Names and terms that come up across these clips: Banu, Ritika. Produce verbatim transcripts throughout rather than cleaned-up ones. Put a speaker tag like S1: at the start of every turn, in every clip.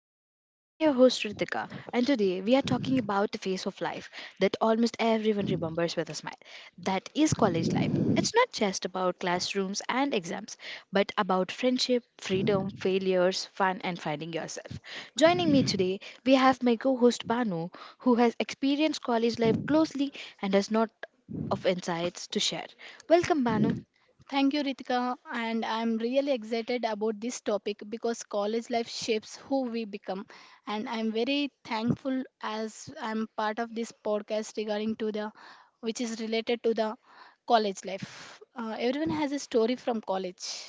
S1: podcast. I'm your host, Ritika, and today we are talking about the phase of life that almost everyone remembers with a smile. That is college life. It's not just about classrooms and exams, but about friendship, freedom, failures, fun, and finding yourself. Joining me today, we have my co host, Banu, who has experienced college life closely and has not of insights to share. Welcome, Banu.
S2: Thank you, Ritika. And I'm really excited about this topic because college life shapes who we become. And I'm very thankful as I'm part of this podcast regarding to the which is related to the college life. Uh, everyone has a story from college.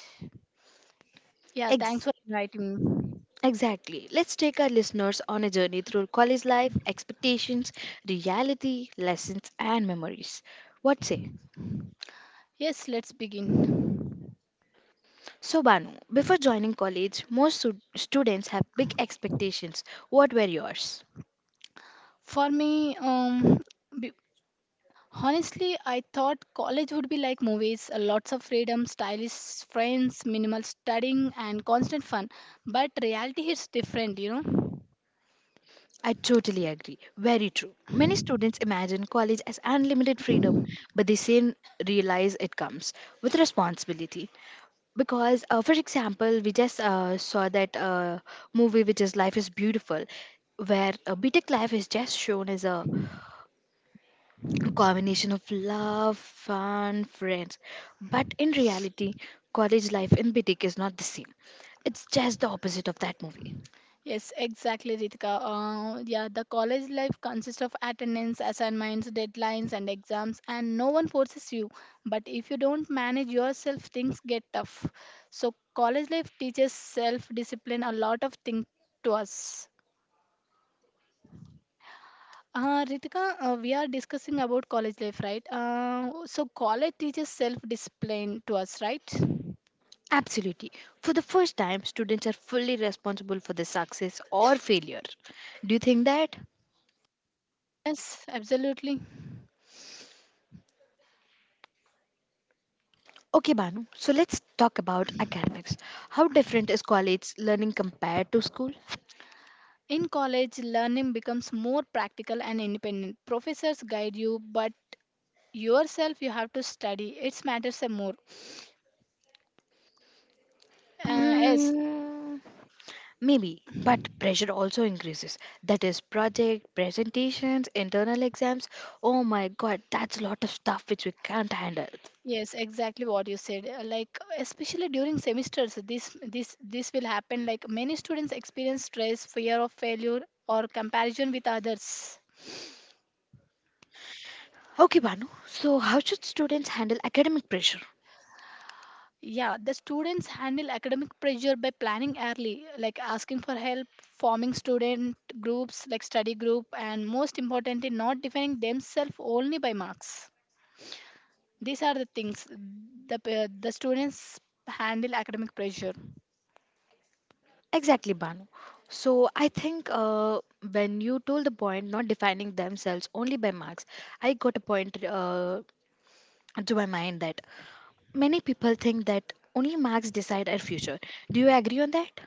S2: Yeah, thanks for inviting me.
S1: Exactly. Let's take our listeners on a journey through college life, expectations, reality, lessons, and memories. What say?
S2: Yes, let's begin.
S1: So, Banu, before joining college, most stud- students have big expectations. What were yours?
S2: For me, um, be- honestly, I thought college would be like movies uh, lots of freedom, stylish friends, minimal studying, and constant fun. But reality is different, you know?
S1: I totally agree. Very true. Many students imagine college as unlimited freedom, but they soon realize it comes with responsibility. Because, uh, for example, we just uh, saw that uh, movie, which is Life is Beautiful, where uh, btech life is just shown as a combination of love, fun, friends. But in reality, college life in btech is not the same. It's just the opposite of that movie.
S2: Yes, exactly, Ritika. Uh, yeah, the college life consists of attendance, assignments, deadlines, and exams, and no one forces you. But if you don't manage yourself, things get tough. So, college life teaches self discipline a lot of things to us. Uh, Ritika, uh, we are discussing about college life, right? Uh, so college teaches self-discipline to us, right?
S1: Absolutely. For the first time, students are fully responsible for their success or failure. Do you think that?
S2: Yes, absolutely.
S1: Okay, Banu, so let's talk about academics. How different is college learning compared to school?
S2: In college, learning becomes more practical and independent. Professors guide you, but yourself you have to study. It matters a more. Uh, yes,
S1: Mm, maybe, but pressure also increases. That is project, presentations, internal exams. Oh my god, that's a lot of stuff which we can't handle.
S2: yes, exactly what you said. Uh, Like especially during semesters, this this this will happen. Like many students experience stress, fear of failure, or comparison with others.
S1: Okay, Banu. So, how should students handle academic pressure?
S2: Yeah, the students handle academic pressure by planning early, like asking for help, forming student groups like study group, and most importantly, not defining themselves only by marks. These are the things the pa- the students handle academic pressure.
S1: Exactly, Banu. So, I think, uh, when you told the point not defining themselves only by marks, I got a point uh, to my mind that many people think that only marks decide our future. Do you agree on that?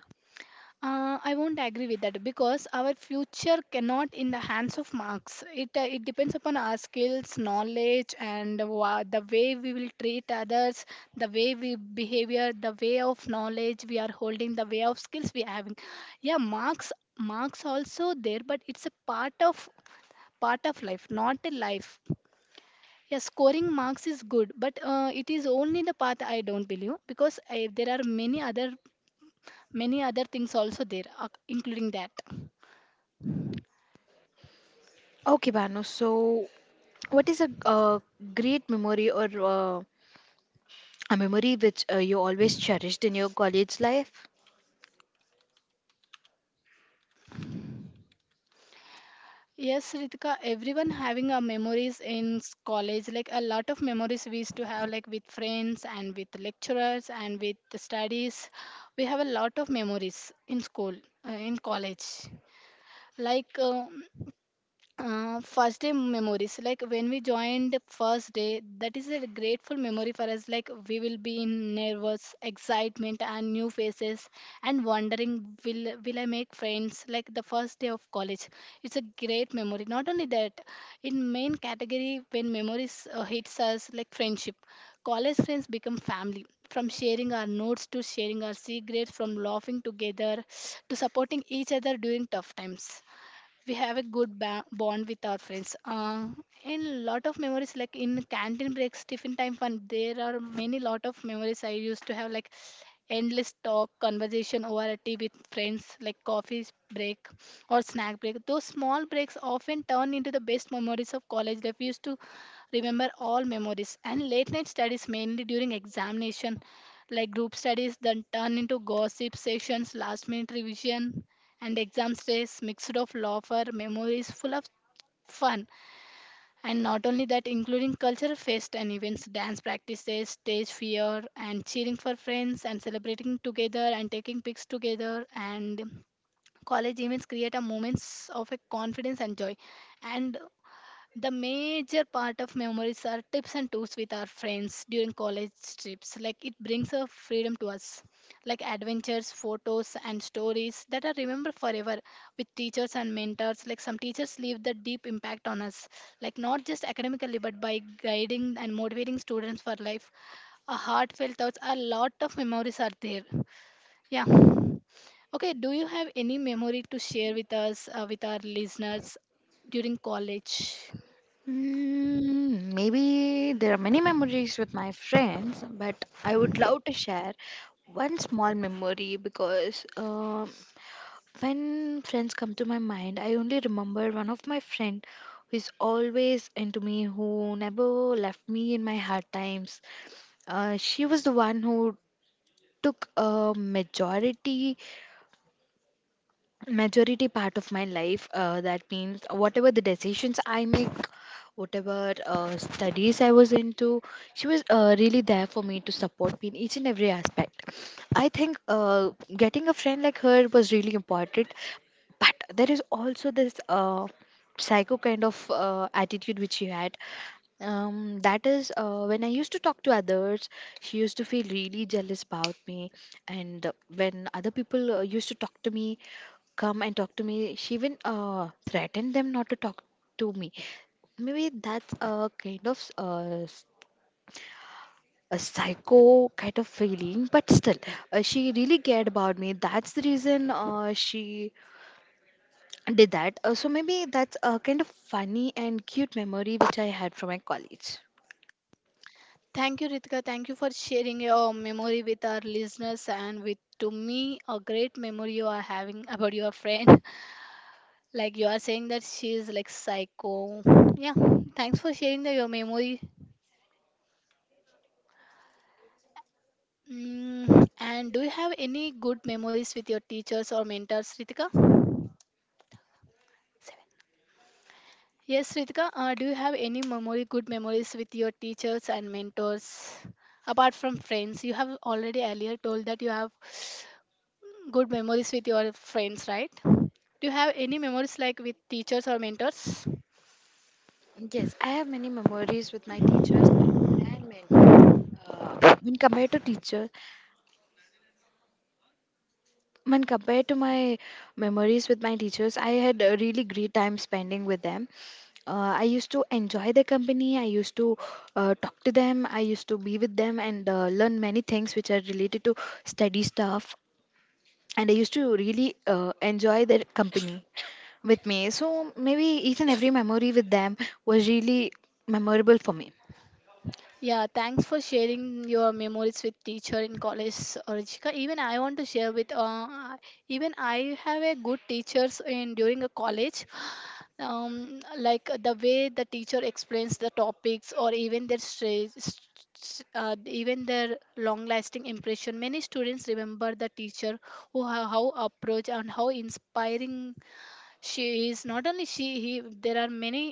S2: Uh, I won't agree with that because our future cannot in the hands of marks. It uh, it depends upon our skills, knowledge, and wa- the way we will treat others, the way we behavior, the way of knowledge we are holding, the way of skills we are having. Yeah, marks marks also there, but it's a part of part of life, not a life. Yeah, scoring marks is good, but uh, it is only the path I don't believe because I, there are many other many other things also there, uh, including that.
S1: Okay, Banu. So, what is a uh, great memory or uh, a memory which uh, you always cherished in your college life?
S2: Yes, Ritika, everyone having a memories in s- college, like a lot of memories we used to have, like with friends and with lecturers and with the studies. We have a lot of memories in school, uh, in college. Like uh, uh, First day memories like when we joined first day, that is a grateful memory for us. Like we will be in nervous excitement and new faces and wondering will will I make friends. Like the first day of college, it's a great memory. Not only that, in main category when memories uh, hits us like friendship, college friends become family, from sharing our notes to sharing our secrets, from laughing together to supporting each other during tough times, we have a good ba- bond with our friends. Uh, and lot of memories like in canteen breaks, tiffin time fun. There are many lot of memories I used to have like endless talk, conversation over a tea with friends, like coffee break or snack break. Those small breaks often turn into the best memories of college life. We used to remember all memories. And late night studies mainly during examination, like group studies then turn into gossip sessions, last minute revision, and exam stress mixed of laughter, memories full of fun. And not only that, including cultural fest and events, dance practices, stage fear, and cheering for friends, and celebrating together, and taking pics together, and college events create a moments of a confidence and joy, and the major part of memories are tips and tools with our friends during college trips. Like it brings a freedom to us, like adventures, photos, and stories that are remembered forever with teachers and mentors. Like some teachers leave the deep impact on us, like not just academically, but by guiding and motivating students for life. A heartfelt thoughts, a lot of memories are there. Yeah. Okay, do you have any memory to share with us, uh, with our listeners during college?
S1: Mm, maybe there are many memories with my friends, but I would love to share one small memory because um when friends come to my mind, I only remember one of my friend who is always into me, who never left me in my hard times. Uh, she was the one who took a majority majority part of my life, uh, that means whatever the decisions I make, whatever uh, studies I was into, she was uh, really there for me to support me in each and every aspect. I think, uh, getting a friend like her was really important. But there is also this uh, psycho kind of uh, attitude which she had. Um, that is, uh, when I used to talk to others, she used to feel really jealous about me. And when other people uh, used to talk to me, come and talk to me. She even uh, threatened them not to talk to me. Maybe that's a kind of uh, s- a psycho kind of feeling, but still, uh, she really cared about me. That's the reason uh, she did that. Uh, so maybe that's a kind of funny and cute memory which I had from my college.
S2: Thank you, Ritika. Thank you for sharing your memory with our listeners and with to me a great memory you are having about your friend. Like you are saying that she is like psycho. Yeah. Thanks for sharing the, your memory. Mm, and do you have any good memories with your teachers or mentors, Ritika? Yes, Ritika. Uh, do you have any memory, good memories with your teachers and mentors apart from friends? You have already earlier told that you have good memories with your friends, right? Do you have any memories like with teachers or mentors?
S1: Yes, I have many memories with my teachers and mentors. Uh, when compared to teachers, When compared to my memories with my teachers, I had a really great time spending with them. Uh, I used to enjoy their company. I used to uh, talk to them. I used to be with them and uh, learn many things which are related to study stuff. And I used to really uh, enjoy their company with me. So maybe each and every memory with them was really memorable for me.
S2: Yeah, thanks for sharing your memories with teacher in college, Ruchika. Even I want to share with uh, even I have a good teachers in during a college. Um, like the way the teacher explains the topics or even their stra- s- s- uh, even their long-lasting impression. Many students remember the teacher who how, how approach and how inspiring she is. Not only she he, there are many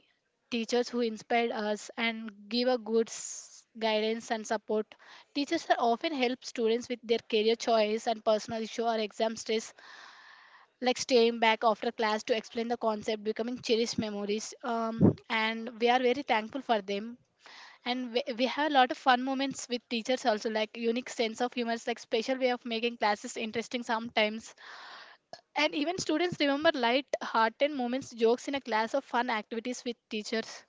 S2: teachers who inspired us and give a good s- guidance and support. Teachers are often help students with their career choice and personal issue or exam stress, like staying back after class to explain the concept, becoming cherished memories. Um, and we are very thankful for them, and we, we have a lot of fun moments with teachers also like unique sense of humor, like special way of making classes interesting sometimes, and even students remember light-hearted moments, jokes in a class, or fun activities with teachers.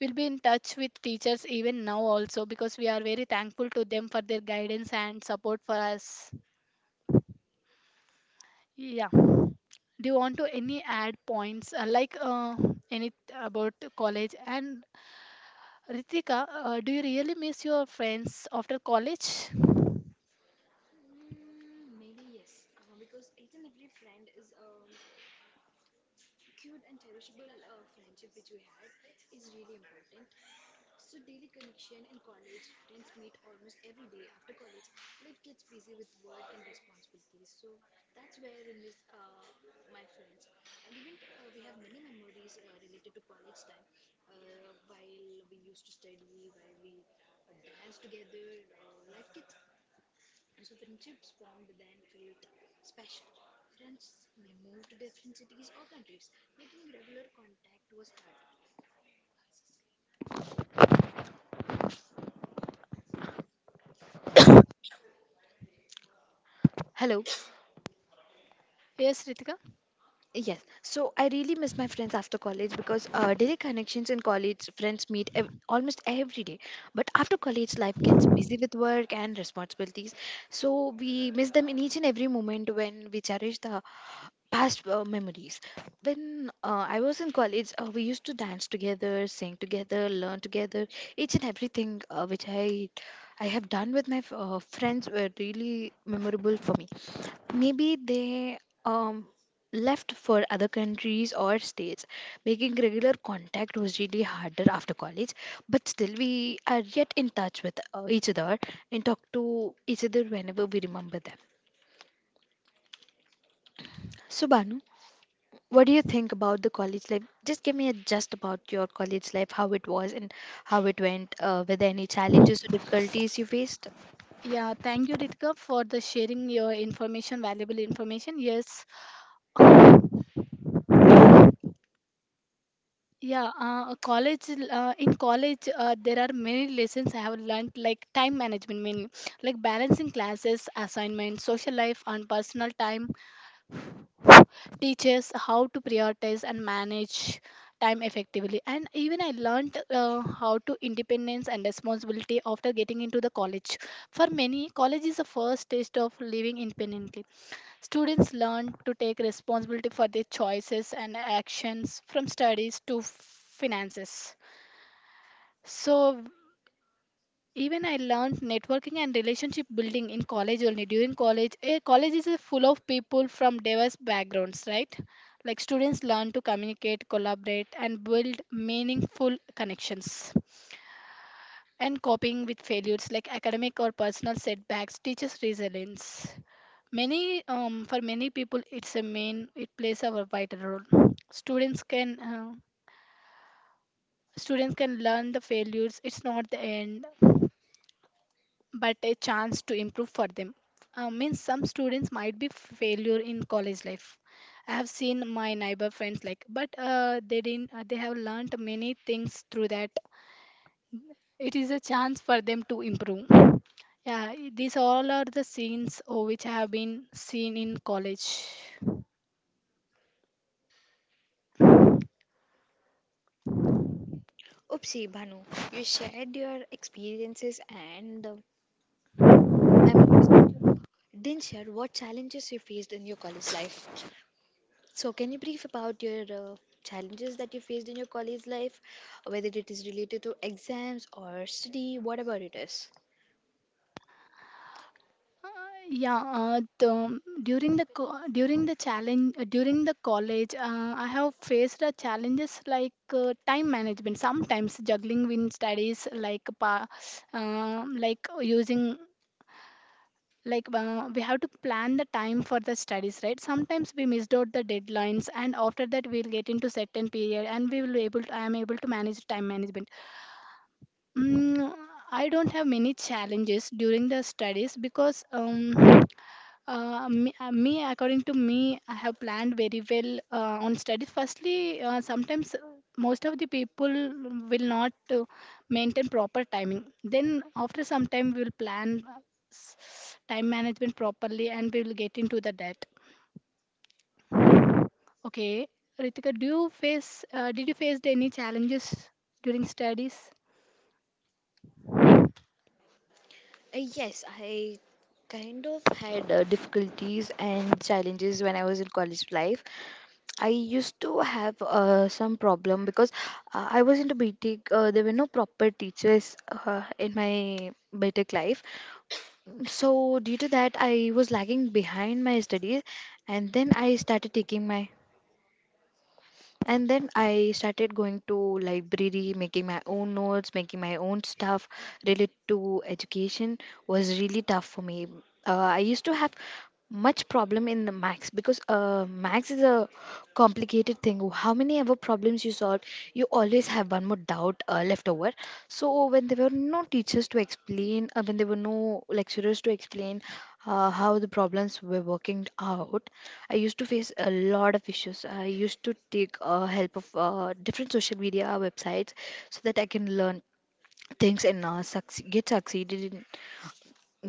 S2: We'll be in touch with teachers even now also because we are very thankful to them for their guidance and support for us. Yeah. Do you want to any add points uh, like uh, any about college? And Ritika, uh, do you really miss your friends after college?
S1: Cute and cherishable uh, friendship which we had is really important. So daily connection in college, friends meet almost every day after college. Life gets busy with work and responsibilities, so that's where I miss uh, my friends. And even uh, we have many memories uh, related to college time. Uh, while we used to study as together, uh, life gets so friendships formed then create special. Friends may move to different cities or countries, making regular contact was hard. Hello.
S2: Yes, Ritika.
S1: Yes. So I really miss my friends after college because uh, daily connections in college, friends meet ev- almost every day. But after college, life gets busy with work and responsibilities. So we miss them in each and every moment when we cherish the past uh, memories. When uh, I was in college, uh, we used to dance together, sing together, learn together. Each and everything uh, which I I have done with my f- uh, friends were really memorable for me. Maybe they um, left for other countries or states, making regular contact was really harder after college. But still we are yet in touch with uh, each other and talk to each other whenever we remember them. So, Banu, what do you think about the college life? Just give me a just about your college life, how it was and how it went. Uh, were there any challenges or difficulties you faced?
S2: Yeah, thank you, Ritika, for the sharing your information, valuable information. Yes, Yeah, uh, college uh, in college uh, there are many lessons I have learned like time management mainly, like balancing classes, assignments, social life and personal time teaches how to prioritize and manage time effectively. And even I learned uh, how to independence and responsibility after getting into the college. For many, college is the first taste of living independently. Students learn to take responsibility for their choices and actions from studies to finances. So even I learned networking and relationship building in college only. During college, a college is a full of people from diverse backgrounds, right? Like students learn to communicate, collaborate, and build meaningful connections. And coping with failures like academic or personal setbacks teaches resilience. Many um, for many people it's a main, it plays a vital role. Students can uh, students can learn the failures, it's not the end but a chance to improve for them. Uh, means some students might be failure in college life. I have seen my neighbor friends, like, but uh, they didn't uh, they have learned many things through that. It is a chance for them to improve. Yeah, I- these all are the scenes oh, which have been seen in college.
S1: Oopsie, Banu, you shared your experiences and uh, memories, but didn't share what challenges you faced in your college life. So, can you brief about your uh, challenges that you faced in your college life, whether it is related to exams or study, whatever it is?
S2: Yeah, uh, the, during the co- during the challenge uh, during the college, uh, I have faced uh, challenges like uh, time management. Sometimes juggling with studies, like pa, uh, like using like uh, we have to plan the time for the studies, right? Sometimes we missed out the deadlines and after that we'll get into certain period and we will be able to I am able to manage time management. Mm, I don't have many challenges during the studies because um, uh, me, uh, me, according to me, I have planned very well uh, on studies. Firstly, uh, sometimes uh, most of the people will not uh, maintain proper timing. Then, after some time, we will plan uh, s- time management properly and we will get into the debt. Okay, Ritika, do you face, uh, did you face any challenges during studies?
S1: Uh, yes, I kind of had uh, difficulties and challenges when I was in college life. I used to have uh, some problem because uh, I was into B tech. Uh, there were no proper teachers uh, in my B tech life, so due to that, I was lagging behind my studies, and then I started taking my, and then I started going to library, making my own notes, making my own stuff related to education was really tough for me. uh, I used to have much problem in the max, because uh, max is a complicated thing. How many ever problems you solve, you always have one more doubt uh, left over. So when there were no teachers to explain, uh, when there were no lecturers to explain, uh, how the problems were working out, I used to face a lot of issues. I used to take uh, help of uh, different social media websites so that I can learn things and uh, succeed, get succeeded in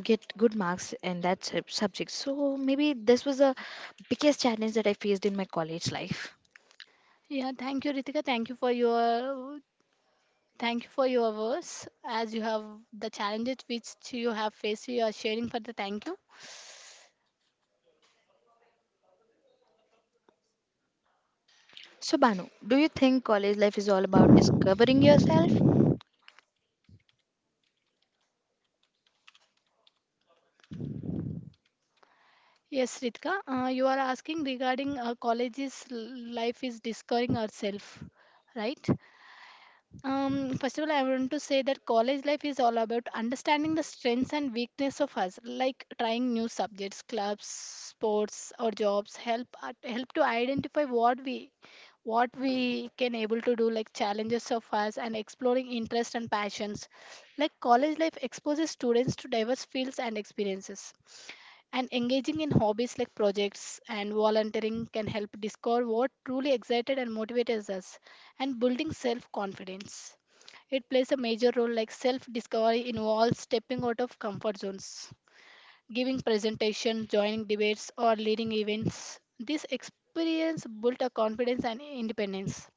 S1: get good marks in that sub- subject. So maybe this was the biggest challenge that I faced in my college life.
S2: Yeah, thank you, Ritika. Thank you for your Thank you for your words. As you have the challenges which you have faced, you are sharing for the thank you.
S1: So, Banu, do you think college life is all about discovering yourself?
S2: Yes, Ritika, uh, you are asking regarding uh, college's l- life is discovering ourselves, right? Um, first of all, I want to say that college life is all about understanding the strengths and weakness of us, like trying new subjects, clubs, sports, or jobs. Help uh, help to identify what we what we can able to do, like challenges of us, and exploring interests and passions. Like college life exposes students to diverse fields and experiences, and engaging in hobbies like projects and volunteering can help discover what truly excited and motivates us, and building self confidence. It plays a major role, like self discovery involves stepping out of comfort zones, giving presentations, joining debates, or leading events. This experience built a confidence and independence.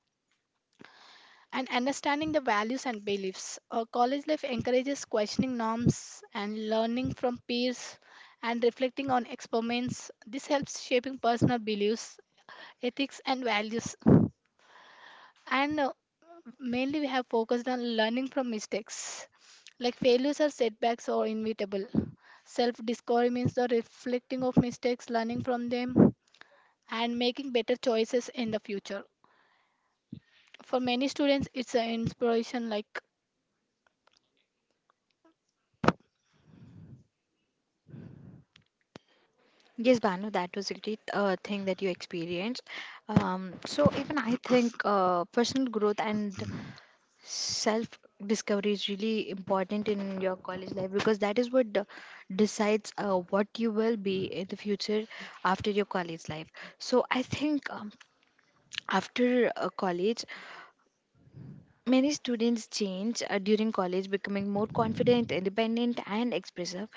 S2: And understanding the values and beliefs. A college life encourages questioning norms and learning from peers and reflecting on experiments. This helps shaping personal beliefs, ethics, and values. And uh, Mainly we have focused on learning from mistakes, like failures or setbacks are inevitable. Self discovery means the reflecting of mistakes, learning from them and making better choices in the future. For many students it's an inspiration. Like,
S1: Yes, Banu, that was a great uh, thing that you experienced. Um, so even I think uh, personal growth and self discovery is really important in your college life, because that is what de- decides uh, what you will be in the future after your college life. So I think, um, after uh, college, many students change uh, during college, becoming more confident, independent, and expressive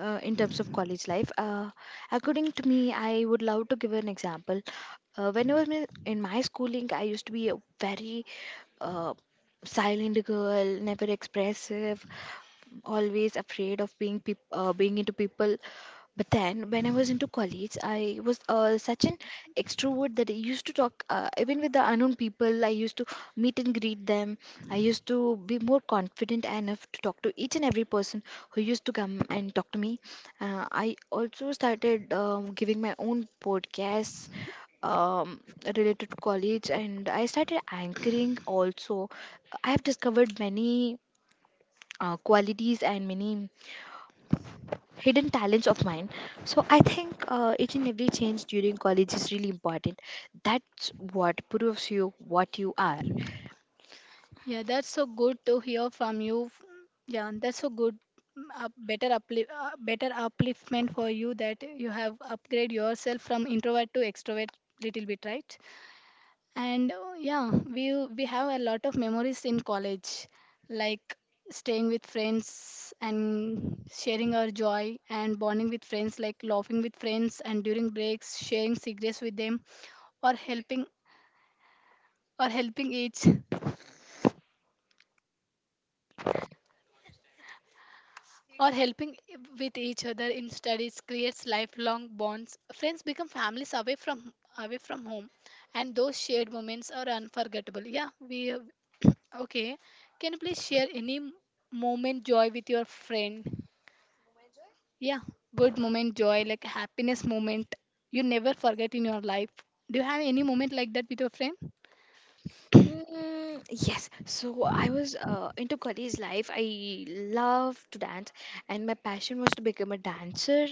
S1: uh, in terms of college life. Uh, according to me, I would love to give an example. Uh, when I was in in my schooling, I used to be a very uh, silent girl, never expressive, always afraid of being peop- uh, being into people. But then, when I was into college, I was uh, such an extrovert that I used to talk uh, even with the unknown people. I used to meet and greet them. I used to be more confident enough to talk to each and every person who used to come and talk to me. Uh, I also started um, giving my own podcasts um, related to college, and I started anchoring also. I have discovered many uh, qualities and many hidden talents of mine. So I think uh, each and every change during college is really important. That's what proves you what you are.
S2: yeah, that's so good to hear from you. Yeah, and that's so good. Mm, a better uplift, uh, better upliftment for you that you have upgrade yourself from introvert to extrovert, little bit, right? And uh, yeah, we we have a lot of memories in college, like staying with friends and sharing our joy and bonding with friends, like laughing with friends and during breaks sharing secrets with them, or helping or helping each or helping I- with each other in studies creates lifelong bonds. Friends become families away from away from home, and those shared moments are unforgettable. Yeah, we okay, can you please share any m- moment joy with your friend? Yeah, good moment joy, like happiness moment you never forget in your life. Do you have any moment like that with your friend?
S1: Mm, yes. So I was uh, into college life. I loved to dance, and my passion was to become a dancer.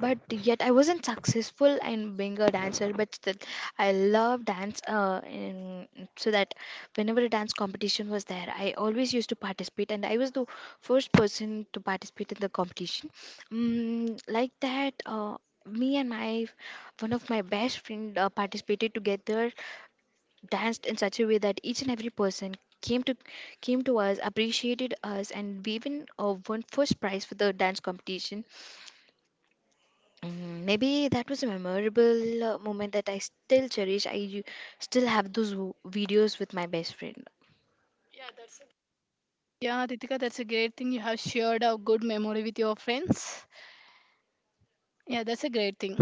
S1: But yet I wasn't successful in being a dancer. But still, I love dance. Uh, in, so that whenever a dance competition was there, I always used to participate, and I was the first person to participate in the competition. Mm, like that. Uh, me and my one of my best friend uh, participated together, danced in such a way that each and every person came to came to us, appreciated us, and we even uh, won first prize for the dance competition. Mm, maybe that was a memorable uh, moment that I still cherish. i u- still have those w- videos with my best friend.
S2: Yeah, Ritika, that's a great thing. You have shared a good memory with your friends. Yeah, that's a great thing.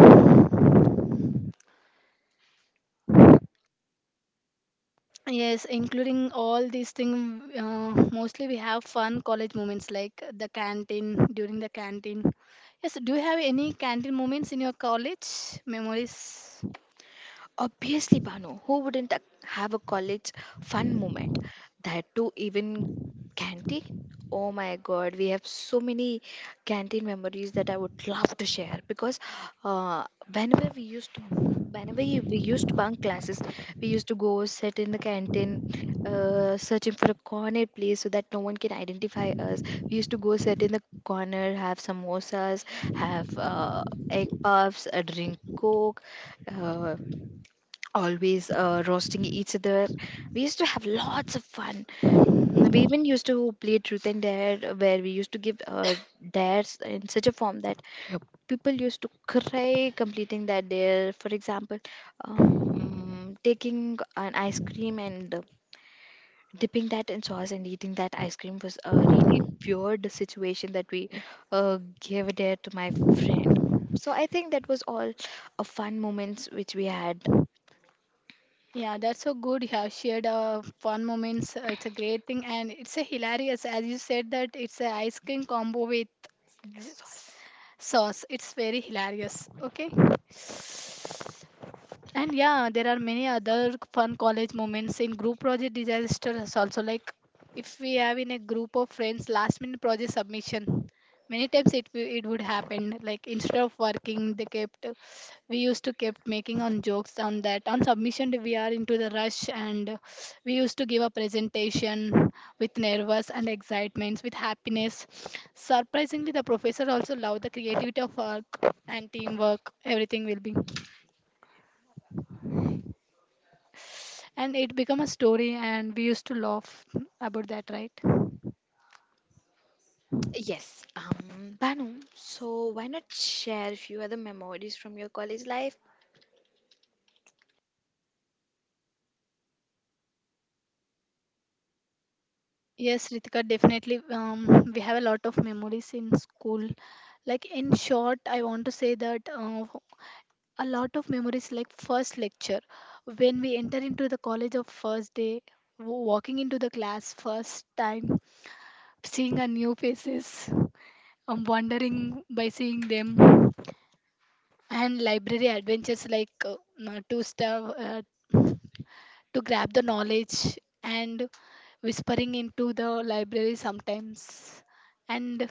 S2: Yes, including all these things. Uh, mostly we have fun college moments, like the canteen, during the canteen. Yes, do you have any canteen moments in your college memories?
S1: Obviously, Banu, who wouldn't ac- have a college fun moment? That too, even canteen? Oh my god, we have so many canteen memories that I would love to share because uh, whenever we used to, whenever we we used to bunk classes, we used to go sit in the canteen, uh, searching for a corner place so that no one can identify us. We used to go sit in the corner, have samosas, have uh, egg puffs, a drink coke. Uh, Always uh, roasting each other. We used to have lots of fun. Mm, we even used to play truth and dare, uh, where we used to give uh, dares in such a form that people used to cry completing that dare. For example, um, taking an ice cream and uh, dipping that in sauce and eating that ice cream was a really weird situation that we uh, gave a dare to my friend. So I think that was all a fun moments which we had.
S2: Yeah, that's so good. You have shared uh, fun moments. Uh, it's a great thing and it's a hilarious. As you said that it's a ice cream combo with j- s- sauce. It's very hilarious. Okay. And yeah, there are many other fun college moments in group project disasters also. Like if we have in a group of friends last minute project submission, many times it wi- it would happen. Like instead of working, they kept, we used to kept making on jokes on that. On submission day, we are into the rush and we used to give a presentation with nervous and excitements with happiness. Surprisingly, the professor also loved the creativity of work and teamwork. Everything will be. And it became a story and we used to laugh about that, right?
S1: Yes, um, Banu, so why not share a few other memories from your college life?
S2: Yes, Ritika, definitely. Um, we have a lot of memories in school, like in short I want to say that, uh, a lot of memories like first lecture when we enter into the college of first day, w- walking into the class first time, seeing our new faces, um, wandering by seeing them, and library adventures like uh, uh, two star uh, to grab the knowledge and whispering into the library sometimes, and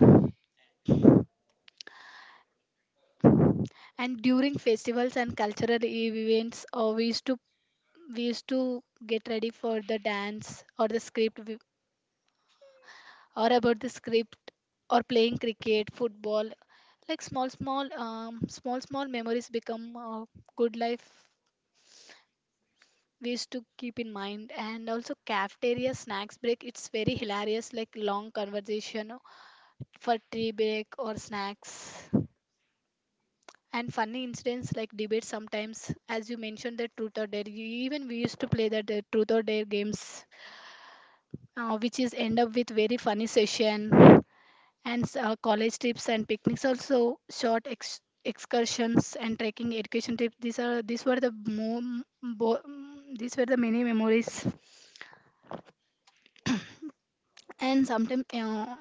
S2: and during festivals and cultural events, uh, we used to we used to get ready for the dance or the script we- or about the script or playing cricket, football. Like small small, um, small small memories become uh, good life, we used to keep in mind. And also cafeteria snacks break, it's very hilarious, like long conversation for tea break or snacks. And funny incidents like debates sometimes, as you mentioned, the truth or dare. You- Even we used to play the the truth or dare games, uh, which is end up with very funny session. And s- uh, college trips and picnics also, short ex- excursions and trekking, education trips. These are these were the mo- bo- These were the many memories. And sometimes uh,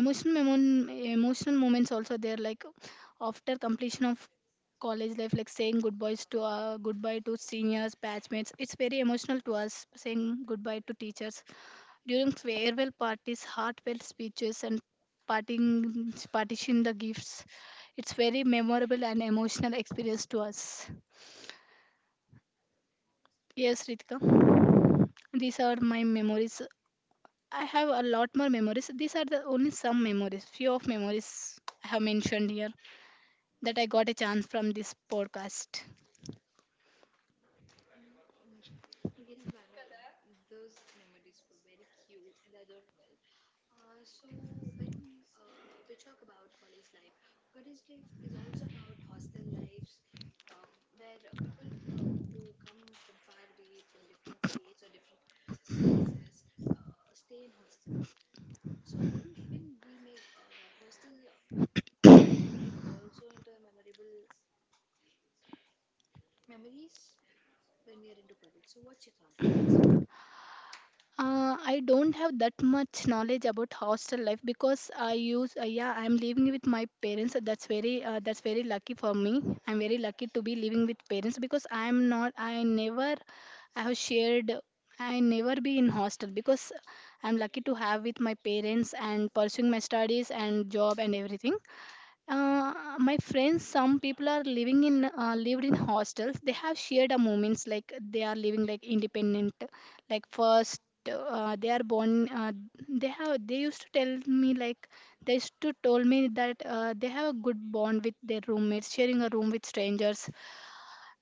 S2: emotional memon- emotional moments also there, like after completion of college life, like saying goodbyes to uh, goodbye to seniors, batchmates. It's very emotional to us, saying goodbye to teachers during farewell parties, heartfelt speeches, and parting partition the gifts. It's very memorable and emotional experience to us. Yes, Ritika, these are my memories. I have a lot more memories. These are the only some memories, few of memories I have mentioned here that I got a chance from this podcast.
S1: Uh, so when uh, we talk about college life, college life is also about hostel lives, um, where uh, people uh, who come from far away, from different states or different places, uh, stay in hostels. So even we make uh, hostel life also into a memorable memories when we are into college. So what's your thought?
S2: Uh, I don't have that much knowledge about hostel life because I use uh, yeah, I'm living with my parents. That's very uh, that's very lucky for me. I'm very lucky to be living with parents because I'm not, I never, I have shared, I never be in hostel because I'm lucky to have with my parents and pursuing my studies and job and everything. uh, uh, my friends, some people are living in uh, lived in hostels. They have shared a moments, like they are living like independent, like first uh, they are born uh, they have, they used to tell me like, they used to told me that uh, they have a good bond with their roommates, sharing a room with strangers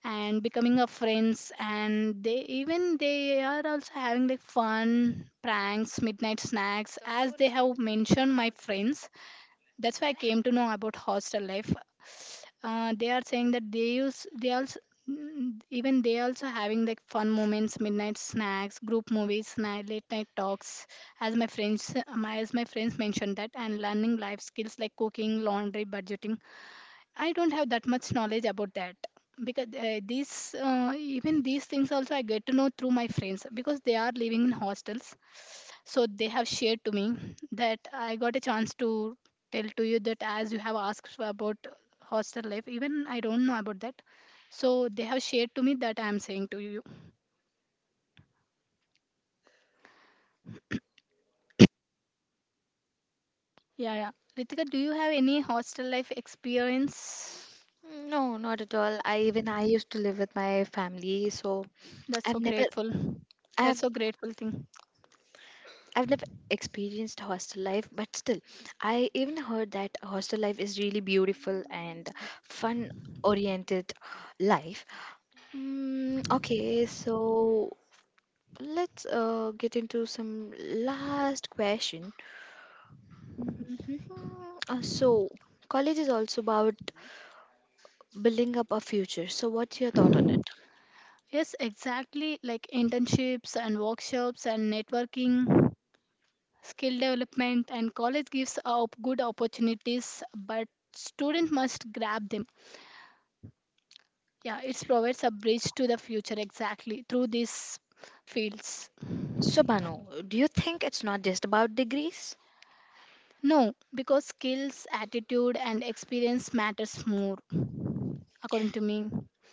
S2: and becoming a friends. And they even, they are also having like fun pranks, midnight snacks, as they have mentioned, my friends. That's why I came to know about hostel life. Uh, they are saying that they use, they also, mm, even they also having like fun moments, midnight snacks, group movies night, late night talks, as my friends my, as my friends mentioned that, and learning life skills like cooking, laundry, budgeting. I don't have that much knowledge about that because uh, these uh, even these things also I get to know through my friends because they are living in hostels. So they have shared to me, that I got a chance to tell to you that as you have asked about hostel life, even I don't know about that. So they have shared to me that I am saying to you. Yeah, yeah. Ritika, do you have any hostel life experience?
S1: No, not at all. I even I used to live with my family, so
S2: That's
S1: I've
S2: so
S1: never
S2: grateful.
S1: I
S2: That's
S1: have
S2: so grateful thing.
S1: I've never experienced hostel life. But still, I even heard that hostel life is really beautiful and fun oriented life. Mm, okay, so let's uh, get into some last question. Mhm. Uh, So, college is also about building up a future. So, what's your thought on it?
S2: Yes, exactly. Like internships and workshops and networking, skill development, and college gives up good opportunities, but student must grab them. Yeah, it provides a bridge to the future exactly through these fields.
S1: So, Banu, do you think it's not just about degrees?
S2: No, because skills, attitude, and experience matters more, according to me.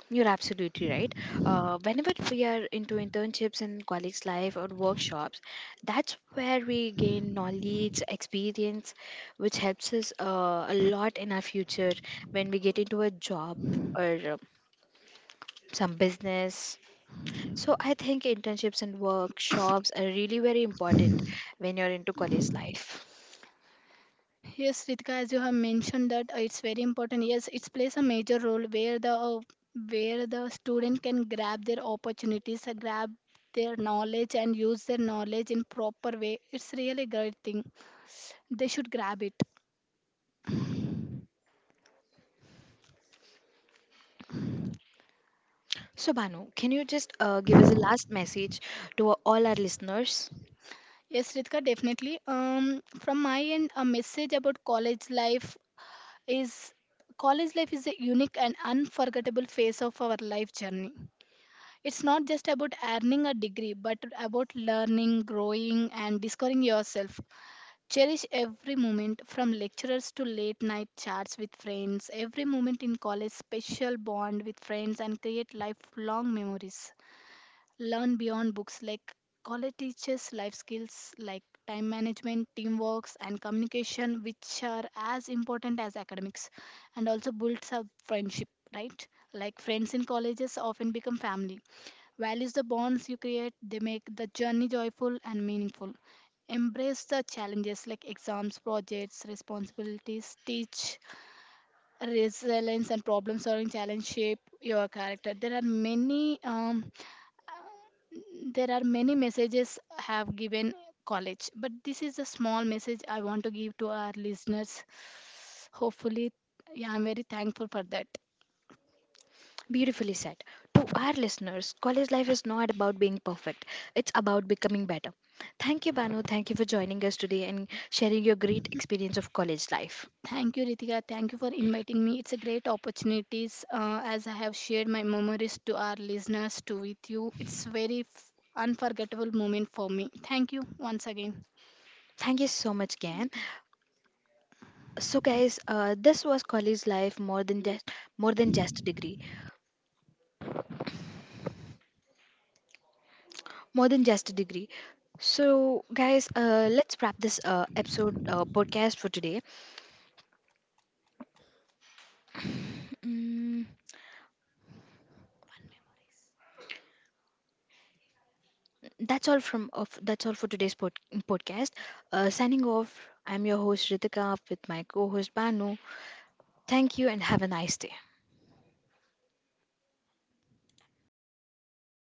S1: You're absolutely right. Uh, whenever we are into internships in colleagues' life or workshops, that's where we gain knowledge, experience, which helps us uh, a lot in our future when we get into a job or uh, some business. So I think internships and workshops are really very important when you're into college life.
S2: Yes, Ritika, as you have mentioned that uh, it's very important. Yes, it plays a major role where the uh, where the student can grab their opportunities, uh, grab their knowledge, and use their knowledge in proper way. It's really great thing. They should grab it.
S1: So, Banu, can you just uh, give us a last message to all our listeners?
S2: Yes, Ritika, definitely. Um, from my end, a message about college life is college life is a unique and unforgettable phase of our life journey. It's not just about earning a degree, but about learning, growing, and discovering yourself. Cherish every moment from lecturers to late night chats with friends. Every moment in college, special bond with friends and create lifelong memories. Learn beyond books, like college teaches life skills like time management, teamwork, and communication, which are as important as academics, and also builds up friendship, right? Like friends in colleges often become family. Values the bonds you create, they make the journey joyful and meaningful. Embrace the challenges like exams, projects, responsibilities, teach resilience and problem solving, challenge shape your character. There are many um, there are many messages I have given college, but this is a small message I want to give to our listeners. Hopefully, yeah, I'm very thankful for that.
S1: Beautifully said. To our listeners, college life is not about being perfect, it's about becoming better. Thank you, Banu. Thank you for joining us today and sharing your great experience of college life.
S2: Thank you, Ritika. Thank you for inviting me. It's a great opportunities. Uh, as I have shared my memories to our listeners to with you. It's very f- unforgettable moment for me. Thank you once again.
S1: Thank you so much, Gan. So, guys, uh, this was college life more than just more than just a degree, more than just a degree. So, guys, uh, let's wrap this uh, episode uh, podcast for today. Mm. That's all from of that's all for today's pod, podcast. Uh, signing off. I'm your host Ritika with my co-host Banu. Thank you and have a nice day.